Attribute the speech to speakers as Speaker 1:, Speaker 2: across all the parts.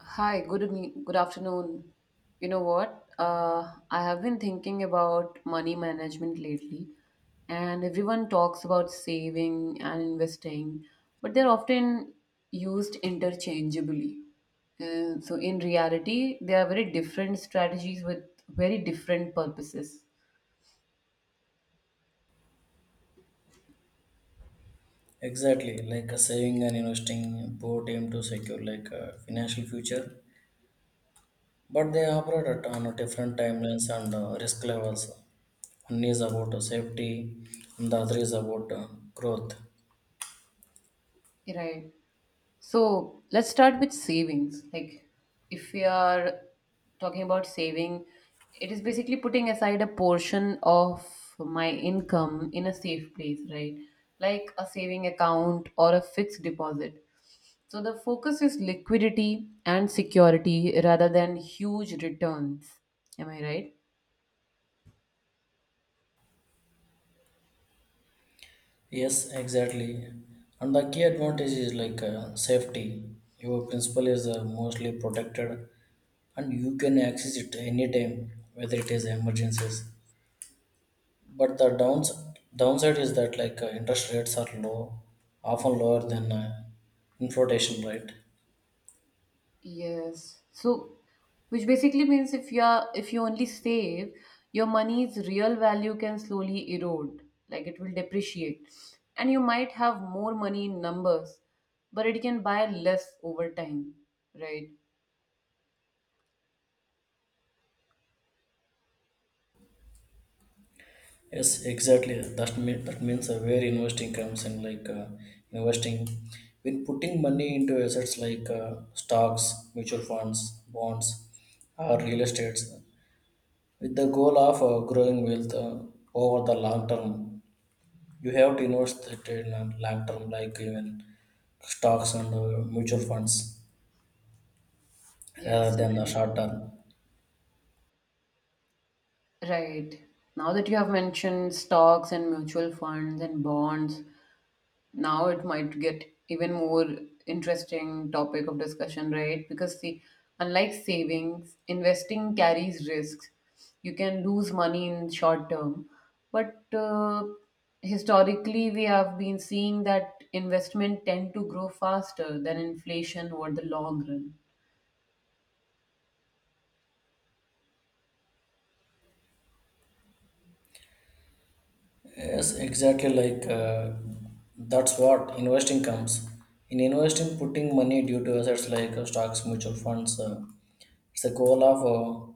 Speaker 1: Hi, good evening, good afternoon. You know what? I have been thinking about money management lately, and everyone talks about saving and investing, but they're often used interchangeably. In reality, they are very different strategies with very different purposes.
Speaker 2: Exactly, like saving and investing both aim to secure like a financial future, but they operate at on a different timelines and risk levels. One is about safety, and the other is about growth.
Speaker 1: Right. So let's start with savings. Like, if we are talking about saving, it is basically putting aside a portion of my income in a safe place, right? Like a saving account or a fixed deposit. So the focus is liquidity and security rather than huge returns. Am I right?
Speaker 2: Yes, exactly. And the key advantage is like safety. Your principal is mostly protected, and you can access it anytime, whether it is emergencies. But the downside is that like interest rates are low, often lower than inflation rate.
Speaker 1: Yes. So, which basically means if you only save, your money's real value can slowly erode, like it will depreciate. And you might have more money in numbers, but it can buy less over time, right?
Speaker 2: Yes, exactly. That means where investing comes in, like investing, when putting money into assets like stocks, mutual funds, bonds, or real estates, with the goal of growing wealth over the long term. You have to invest it in long term, like even stocks and mutual funds, rather
Speaker 1: Yes,
Speaker 2: than the
Speaker 1: right.
Speaker 2: short term.
Speaker 1: Right. Now that you have mentioned stocks and mutual funds and bonds, now it might get even more interesting topic of discussion, right? Because, see, unlike savings, investing carries risks. You can lose money in short term, but historically we have been seeing that investment tend to grow faster than inflation over the long run.
Speaker 2: Yes, exactly. Like that's what investing comes. In investing, putting money due to assets like stocks, mutual funds, it's a goal of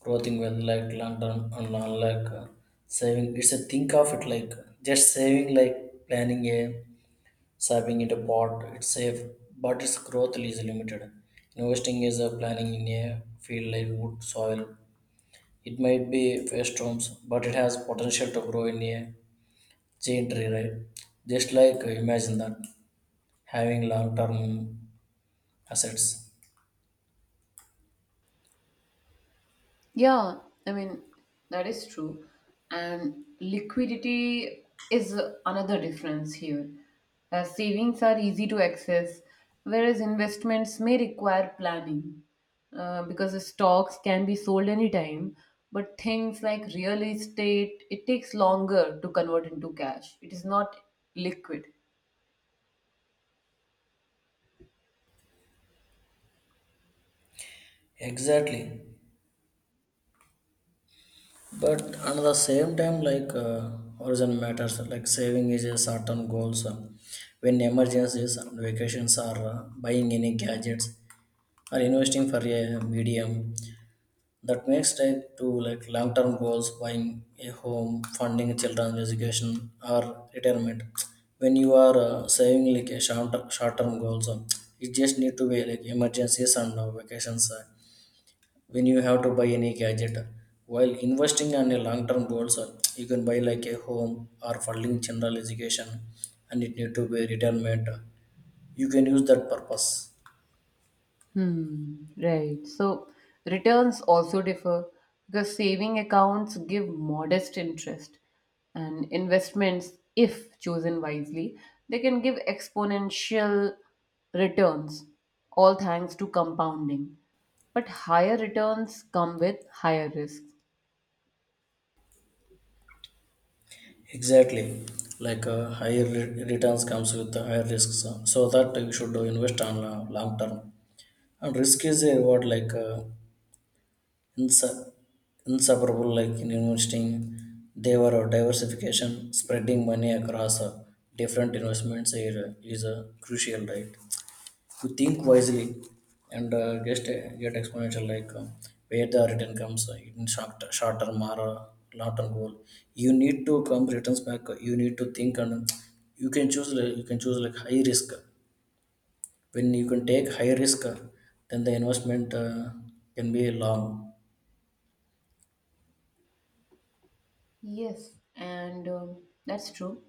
Speaker 2: growing wealth like London and long like saving. It's a think of it like just saving, like planning a saving in a pot. It's safe, but its growth is limited. Investing is a planning in a field like wood, soil. It might be face storms, but it has potential to grow in a chain tree, right? Just like imagine that having long term assets.
Speaker 1: Yeah, I mean, that is true. And liquidity is another difference here. Savings are easy to access, whereas investments may require planning, because the stocks can be sold anytime. But things like real estate, it takes longer to convert into cash. It is not liquid.
Speaker 2: Exactly. But at the same time, like horizon matters. Like saving is a certain goals. When emergencies and vacations are buying any gadgets or investing for a medium that makes type to like long-term goals buying a home funding children's education or retirement. When you are saving like a short-term goals, it just need to be like emergencies and vacations when you have to buy any gadget. While investing on a long-term goals, you can buy like a home or funding general education, and it need to be retirement you can use that purpose.
Speaker 1: Right. So returns also differ because saving accounts give modest interest, and investments, if chosen wisely, they can give exponential returns, all thanks to compounding. But higher returns come with higher risks.
Speaker 2: Exactly, like higher returns comes with the higher risks, so that you should invest on long term. And risk is a reward like insu- inseparable, like in investing, they were diversification, spreading money across different investments is crucial, right? You think wisely and just get exponential like where the return comes in short term or long term goal. You need to come returns back, you need to think, and you can choose like high risk when you can take high risk. Then the investment can be long.
Speaker 1: Yes, and that's true.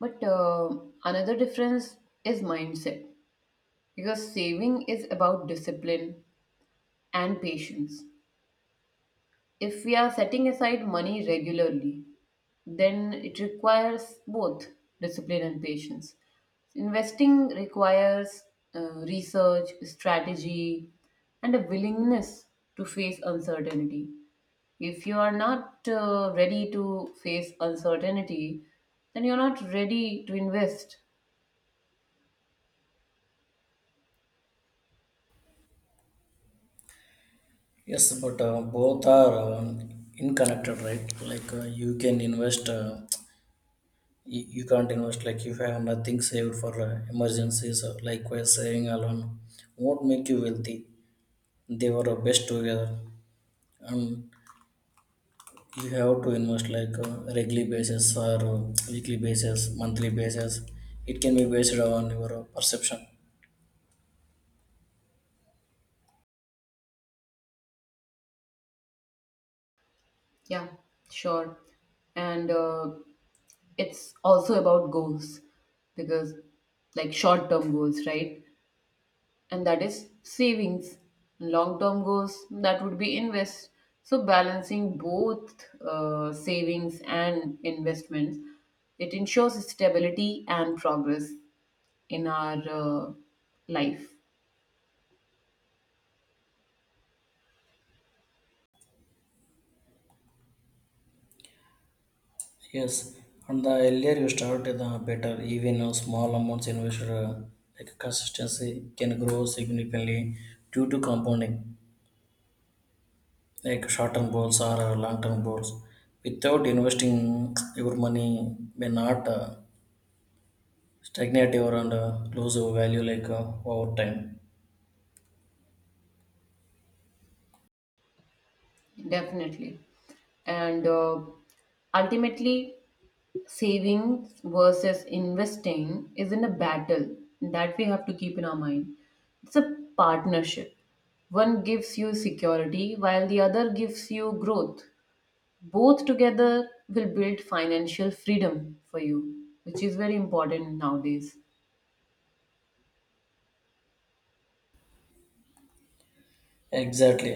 Speaker 1: But another difference is mindset, because saving is about discipline and patience. If we are setting aside money regularly, then it requires both discipline and patience. Investing requires research, strategy, and a willingness to face uncertainty. If you are not ready to face uncertainty, then you're not ready to invest.
Speaker 2: Yes, but both are inconnected, right? Like you can invest, you can't invest like if you have nothing saved for emergencies, or likewise saving alone won't make you wealthy. They were best together, and you have to invest like regular basis or weekly basis monthly basis. It can be based on your perception.
Speaker 1: Yeah, sure. And it's also about goals, because, like, short term goals, right? And that is savings. Long-term goals, that would be invest. So balancing both savings and investments, it ensures stability and progress in our life.
Speaker 2: Yes, and the earlier you start the better. Even a small amounts invested, like consistency, can grow significantly due to compounding. Like short-term goals or long-term goals, without investing your money may not stagnate your and lose your value like over time.
Speaker 1: Definitely. And ultimately, savings versus investing isn't a battle that we have to keep in our mind. It's a partnership. One gives you security while the other gives you growth. Both together will build financial freedom for you, which is very important nowadays.
Speaker 2: Exactly,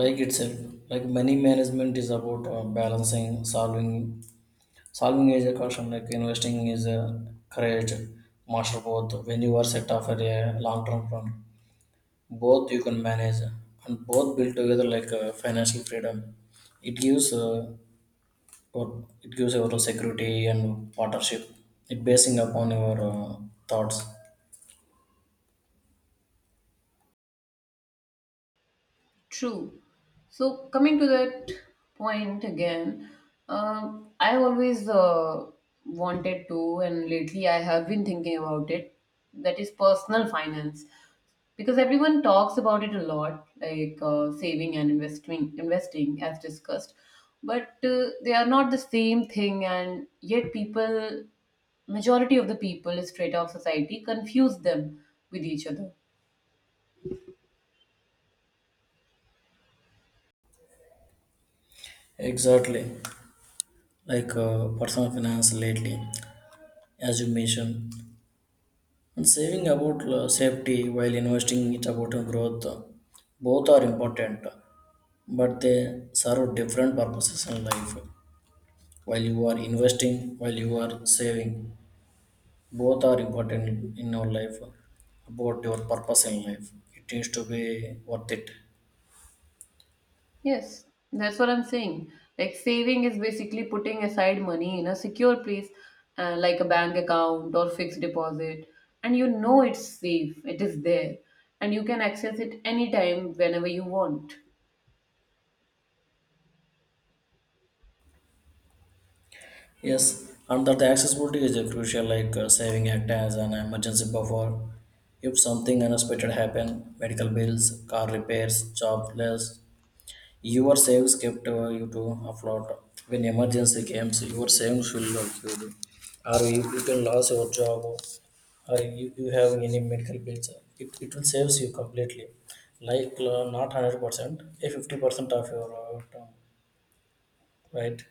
Speaker 2: like itself. Like money management is about balancing solving. Solving is a caution, like investing is a courage. Master both when you are set off at a long-term plan. Both you can manage, and both build together like financial freedom. It gives, what it gives, your security and partnership. It basing upon your thoughts.
Speaker 1: True. So coming to that point again, I always wanted to, and lately I have been thinking about it. That is personal finance, because everyone talks about it a lot, like saving and investing, investing as discussed, but they are not the same thing, and yet people, majority of the people, straight off society, confuse them with each other.
Speaker 2: Exactly, like personal finance lately, as you mentioned. And saving about safety while investing it about your growth. Both are important, but they serve different purposes in life. While you are investing, while you are saving, both are important in our life. About your purpose in life, it needs to be worth it.
Speaker 1: Yes, that's what I'm saying. Like, saving is basically putting aside money in a secure place, like a bank account or fixed deposit, and you know it's safe, it is there, and you can access it anytime whenever you want.
Speaker 2: Yes, and that the accessibility is a crucial, like saving act as an emergency buffer. If something unexpected happen, medical bills, car repairs, jobless, your savings kept you to afloat. When emergency comes, your savings will not cured. Or you can lose your job, or you have any medical bills. It will saves you completely. Like not 100%, a 50% of your term, right?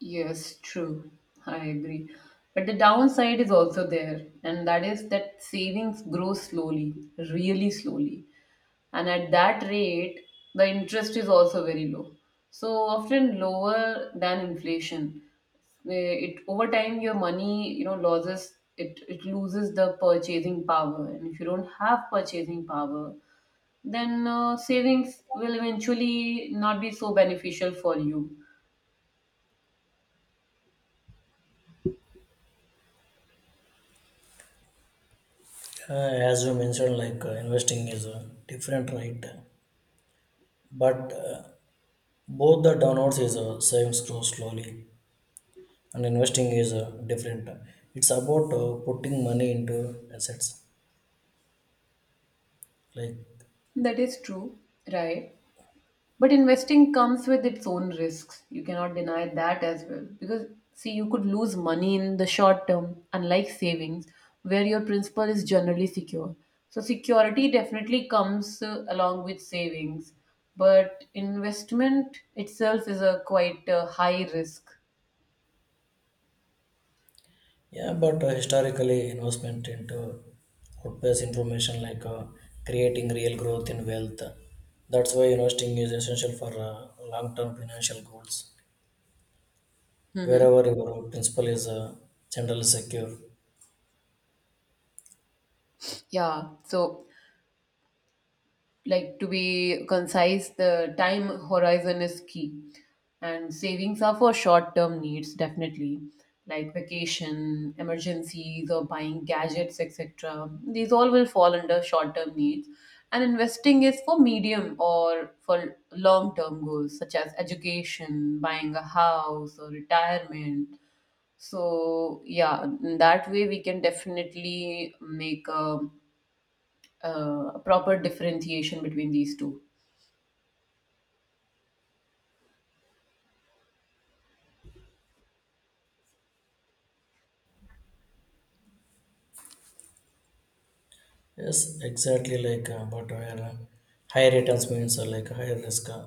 Speaker 1: Yes, true. I agree. But the downside is also there, and that is that savings grow slowly, really slowly. And at that rate, the interest is also very low, so often lower than inflation. Where it over time your money, you know, loses it it loses the purchasing power. And if you don't have purchasing power, then savings will eventually not be so beneficial for you.
Speaker 2: As you mentioned, like investing is different, right? But both the downwards is savings grow slowly, and investing is different. It's about putting money into assets, like.
Speaker 1: That is true, right? But investing comes with its own risks. You cannot deny that as well. Because, see, you could lose money in the short term, unlike savings, where your principal is generally secure. So security definitely comes along with savings. But investment itself is a quite high risk.
Speaker 2: Yeah. But historically, investment into outpace information like creating real growth in wealth. That's why investing is essential for long-term financial goals. Wherever your principal is generally secure.
Speaker 1: Yeah. So, like, to be concise, the time horizon is key. And savings are for short term needs, definitely, like vacation, emergencies, or buying gadgets, etc. These all will fall under short term needs. And investing is for medium or for long term goals, such as education, buying a house, or retirement. So, yeah, in that way, we can definitely make a a proper differentiation between these two.
Speaker 2: Yes, exactly, like but where high returns means like high risk.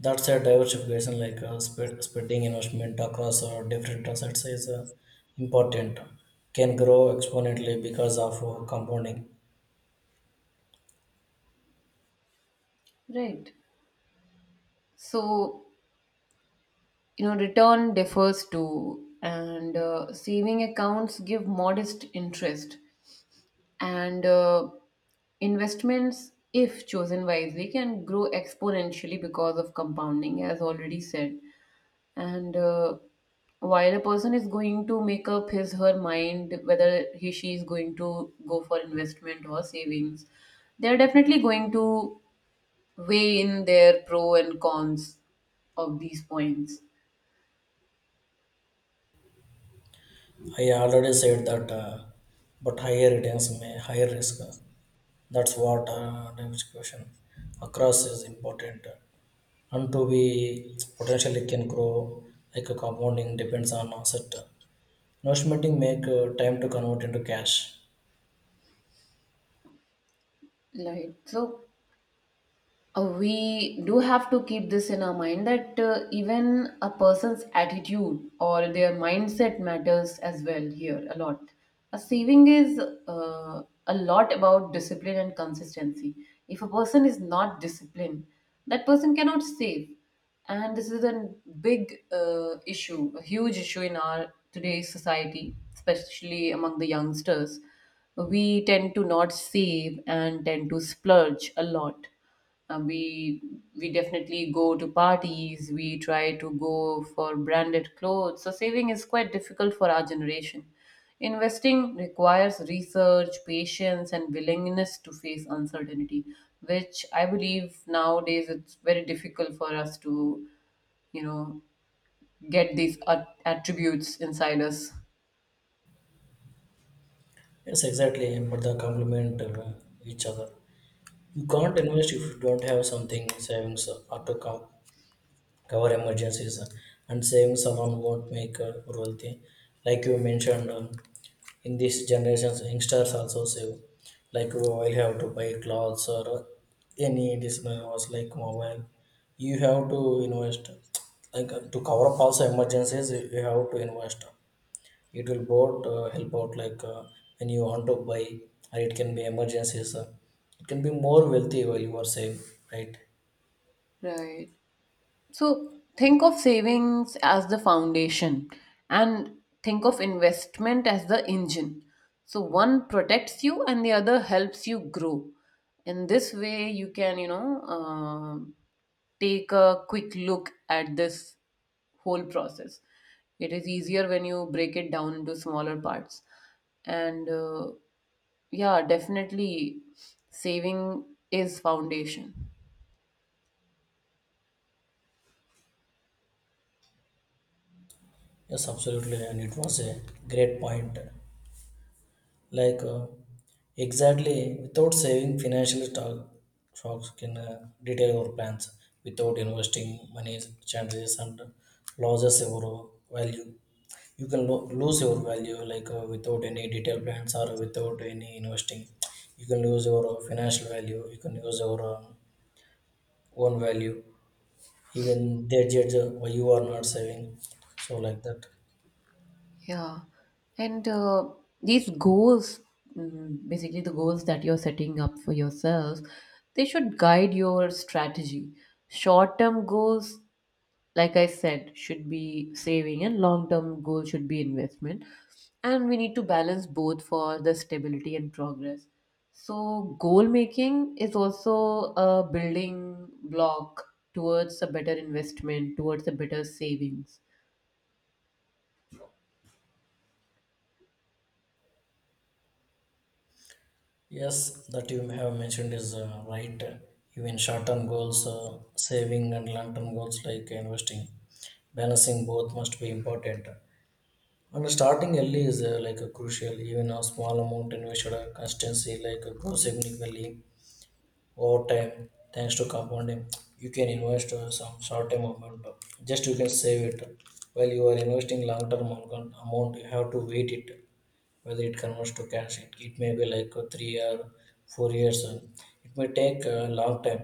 Speaker 2: That's a diversification, like spreading investment across different assets is important. Can grow exponentially because of compounding.
Speaker 1: Right. So, you know, return differs too, and saving accounts give modest interest, and investments, if chosen wisely, can grow exponentially because of compounding, as already said. And while a person is going to make up his her mind whether he she is going to go for investment or savings, they are definitely going to weigh in their pro and cons of these points.
Speaker 2: I already said that, but higher returns may higher risk. That's what diversification across is important. And to be potentially can grow like a compounding depends on asset. Notion make time to convert into cash.
Speaker 1: Right. So, we do have to keep this in our mind, that even a person's attitude or their mindset matters as well here a lot. A saving is a lot about discipline and consistency. If a person is not disciplined, that person cannot save. And this is a big issue, a huge issue in our today's society, especially among the youngsters. We tend to not save and tend to splurge a lot. Uh, we we definitely go to parties. We try to go for branded clothes. So saving is quite difficult for our generation. Investing requires research, patience, and willingness to face uncertainty, which I believe nowadays it's very difficult for us to, you know, get these attributes inside us.
Speaker 2: Yes, exactly, but they complement each other. You can't invest if you don't have something savings, or to cover emergencies, and savings alone won't make wealthy. Like you mentioned, in these generations, youngsters also save. Like you will have to buy clothes or any additional was like mobile. You have to invest like to cover up also emergencies. You have to invest. It will both help out like when you want to buy, or it can be emergencies. It can be more wealthy while you are safe, right?
Speaker 1: Right. So think of savings as the foundation and think of investment as the engine. So one protects you and the other helps you grow. In this way, you can, you know, take a quick look at this whole process. It is easier when you break it down into smaller parts. And yeah, definitely saving is foundation.
Speaker 2: Yes, absolutely, and it was a great point. Like exactly, without saving, financial talk, stocks can detail your plans. Without investing, money changes and loses your value. You can lose your value like without any detailed plans or without any investing. You can lose your financial value, you can lose your own value. Even they judge why you are not saving, so like that.
Speaker 1: Yeah. And these goals, basically the goals that you're setting up for yourself, they should guide your strategy. Short term goals, like I said, should be saving, and long term goal should be investment. And we need to balance both for the stability and progress. So, goal making is also a building block towards a better investment, towards a better savings.
Speaker 2: Yes, that you have mentioned is right. Even short-term goals, saving, and long-term goals like investing, balancing both must be important. And starting early is like a crucial. Even a small amount invested, consistency, like, grow significantly over time thanks to compounding. You can invest some short-term amount, just you can save it. While you are investing long-term amount, you have to wait it whether it converts to cash. It may be like 3 or 4 years, it may take a long time.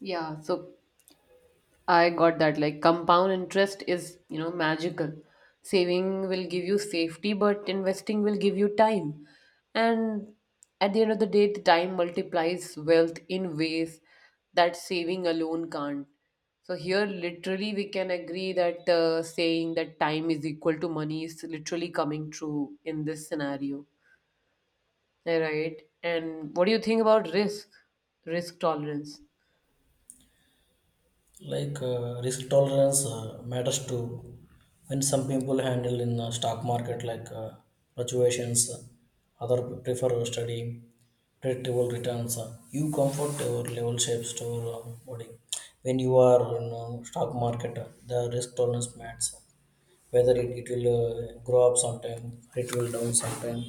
Speaker 1: Yeah, so I got that. Like, compound interest is, you know, magical. Saving will give you safety, but investing will give you time. And at the end of the day, the time multiplies wealth in ways that saving alone can't. So here, literally, we can agree that saying that time is equal to money is literally coming true in this scenario. Right. And what do you think about risk? Risk tolerance.
Speaker 2: Like risk tolerance matters too when some people handle in the stock market, like fluctuations. Other prefer studying predictable returns. You comfort your level shapes to body when you are in stock market. The risk tolerance matters whether it will grow up sometime, it will down sometime.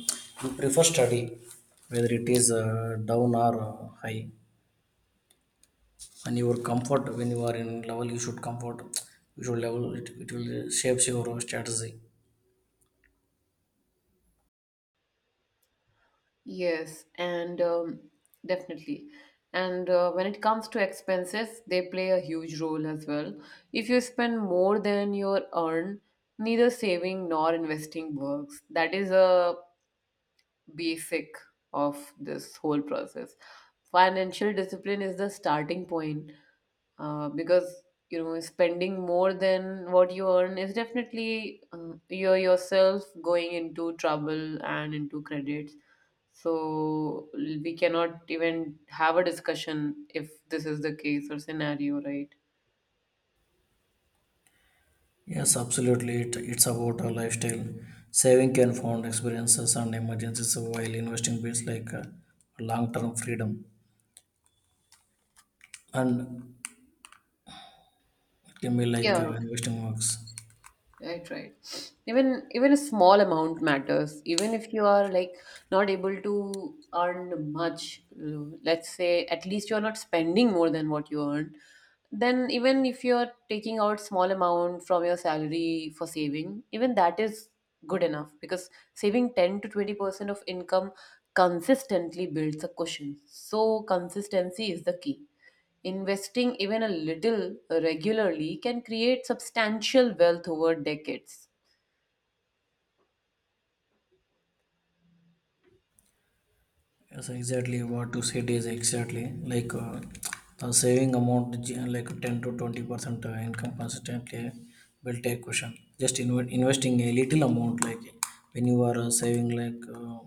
Speaker 2: You prefer study whether it is down or high. And your comfort when you are in level you should comfort. You should level it will shapes your strategy.
Speaker 1: Yes, and definitely. And when it comes to expenses, they play a huge role as well. If you spend more than your earn, neither saving nor investing works. That is a be sick of this whole process. Financial discipline is the starting point, because you know spending more than what you earn is definitely you're yourself going into trouble and into credits. So we cannot even have a discussion if this is the case or scenario, right?
Speaker 2: Yes, absolutely. It's about a lifestyle. Saving can fund experiences and emergencies, while investing builds like long-term freedom. And it can be like
Speaker 1: Yeah,
Speaker 2: investing works.
Speaker 1: right, right. Even a small amount matters. Even if you are like not able to earn much, let's say, at least you're not spending more than what you earn. Then even if you're taking out small amount from your salary for saving, even that is good enough, because saving 10 to 20% of income consistently builds a cushion. So consistency is the key. Investing even a little regularly can create substantial wealth over decades.
Speaker 2: Yes, exactly what you said is exactly. Like the saving amount like 10 to 20% income consistently will take question. Just investing a little amount, like when you are saving like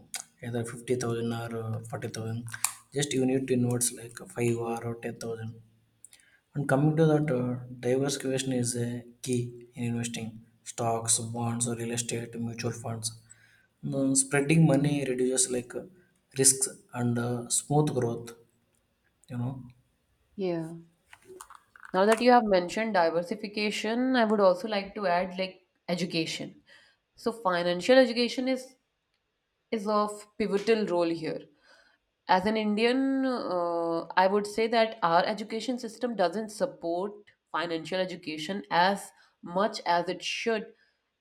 Speaker 2: either 50,000 or 40,000, just you need to invest like 5 or 10,000. And coming to that, diversification is a key in investing stocks, bonds, or real estate, mutual funds. Spreading money reduces like risks and smooth growth. You know,
Speaker 1: Yeah. Now that you have mentioned diversification, I would also like to add, like, education. So, financial education is of pivotal role here. As an Indian, I would say that our education system doesn't support financial education as much as it should,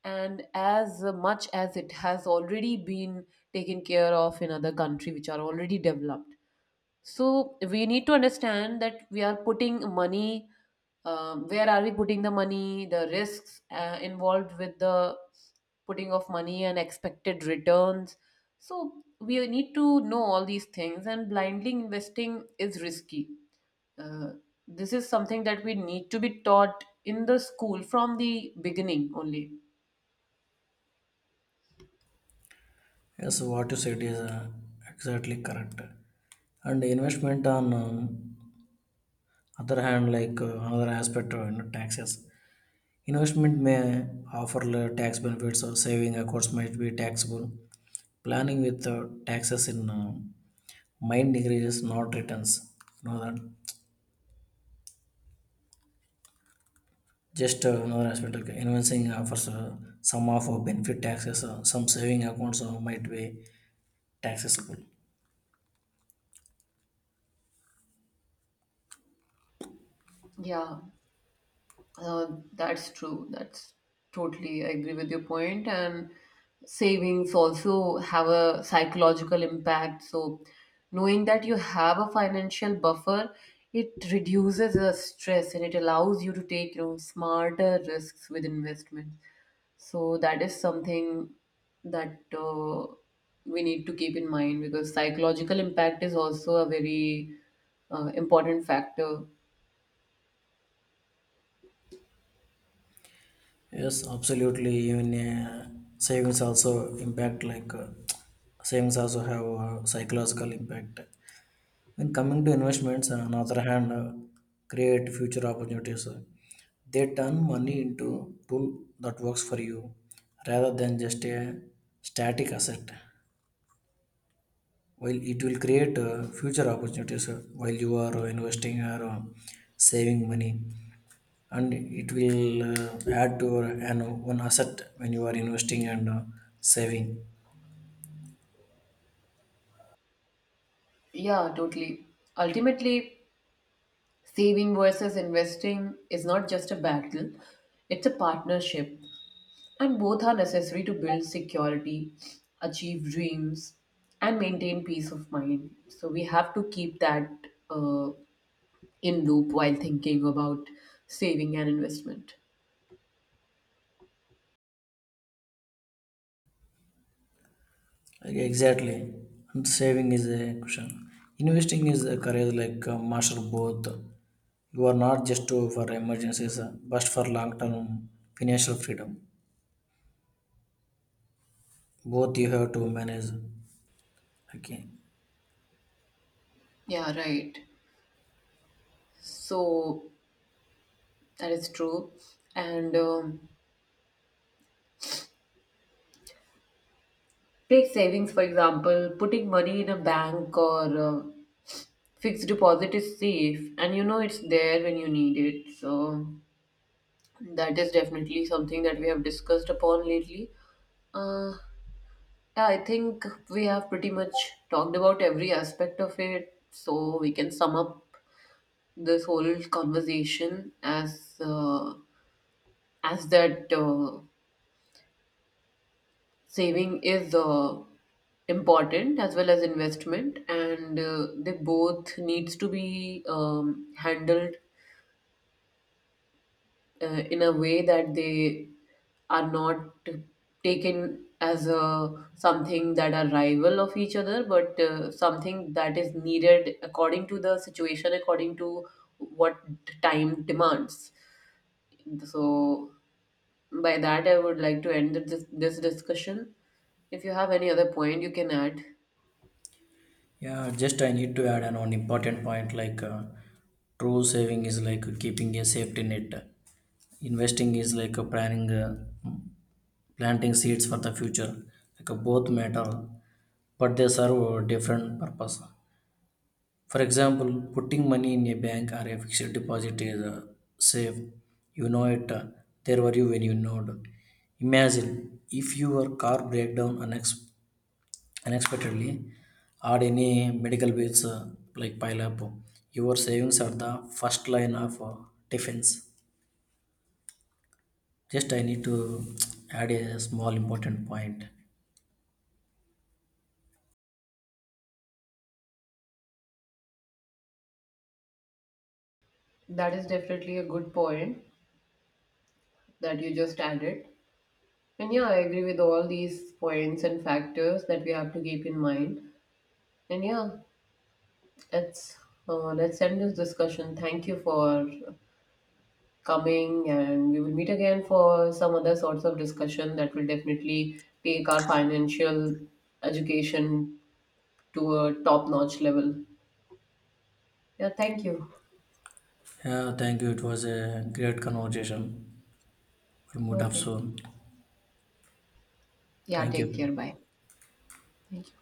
Speaker 1: and as much as it has already been taken care of in other countries which are already developed. So we need to understand that we are putting money, where are we putting the money, the risks involved with the putting of money and expected returns. So we need to know all these things, and blindly investing is risky. Uh, this is something that we need to be taught in the school from the beginning only.
Speaker 2: yes, what you said is exactly correct. And investment on other hand, like another aspect, taxes. Investment may offer tax benefits, or saving accounts might be taxable. Planning with taxes in mind decreases, not returns. Know that. Just another aspect, okay. Investing offers some of benefit taxes, some saving accounts might be taxable.
Speaker 1: Yeah. Uh, that's true. That's totally, I agree with your point. And savings also have a psychological impact. So, knowing that you have a financial buffer, it reduces the stress and it allows you to take, you know, smarter risks with investments. So, that is something that we need to keep in mind, because psychological impact is also a very important factor.
Speaker 2: Yes, absolutely. Even savings also impact like savings also have a psychological impact. When coming to investments, on the other hand, create future opportunities. They turn money into tool that works for you rather than just a static asset. While it will create future opportunities, while you are investing or saving money, and it will add to your one asset when you are investing and saving.
Speaker 1: Yeah, totally. Ultimately, saving versus investing is not just a battle, it's a partnership, and both are necessary to build security, achieve dreams, and maintain peace of mind. So, we have to keep that uh, in loop while thinking about saving and investment.
Speaker 2: Like, exactly. And saving is a cushion. Investing is a career, like master both. You are not just to, for emergencies, but for long term financial freedom. Both you have to manage. Okay.
Speaker 1: Yeah, right. So that is true. And take savings, for example, putting money in a bank or fixed deposit is safe and you know it's there when you need it. So that is definitely something that we have discussed upon lately. Uh, yeah, I think we have pretty much talked about every aspect of it. So we can sum up this whole conversation as that saving is important as well as investment, and they both needs to be handled in a way that they are not taken as a something that are rival of each other but something that is needed according to the situation, according to what time demands. So by that, I would like to end this discussion. If you have any other point, you can add.
Speaker 2: Yeah, just I need to add an one important point, like true saving is like keeping a safety net. Investing is like a planning, planting seeds for the future. Like both matter, but they serve a different purpose. For example, putting money in a bank or a fixed deposit is safe. You know it. There were you when you know. Imagine if your car break down unexpectedly or any medical bills like pile up. Your savings are the first line of defense. Just I need to add a small important point.
Speaker 1: That is definitely a good point that you just added. And yeah, I agree with all these points and factors that we have to keep in mind. And yeah, let's let's end this discussion. Thank you for coming, and we will meet again for some other sorts of discussion that will definitely take our financial education to a top-notch level. Yeah, thank you.
Speaker 2: Yeah, thank you. It was a great conversation. We'll meet up
Speaker 1: Okay.
Speaker 2: soon.
Speaker 1: Yeah,
Speaker 2: Thank
Speaker 1: take
Speaker 2: you.
Speaker 1: care. Bye. Thank you.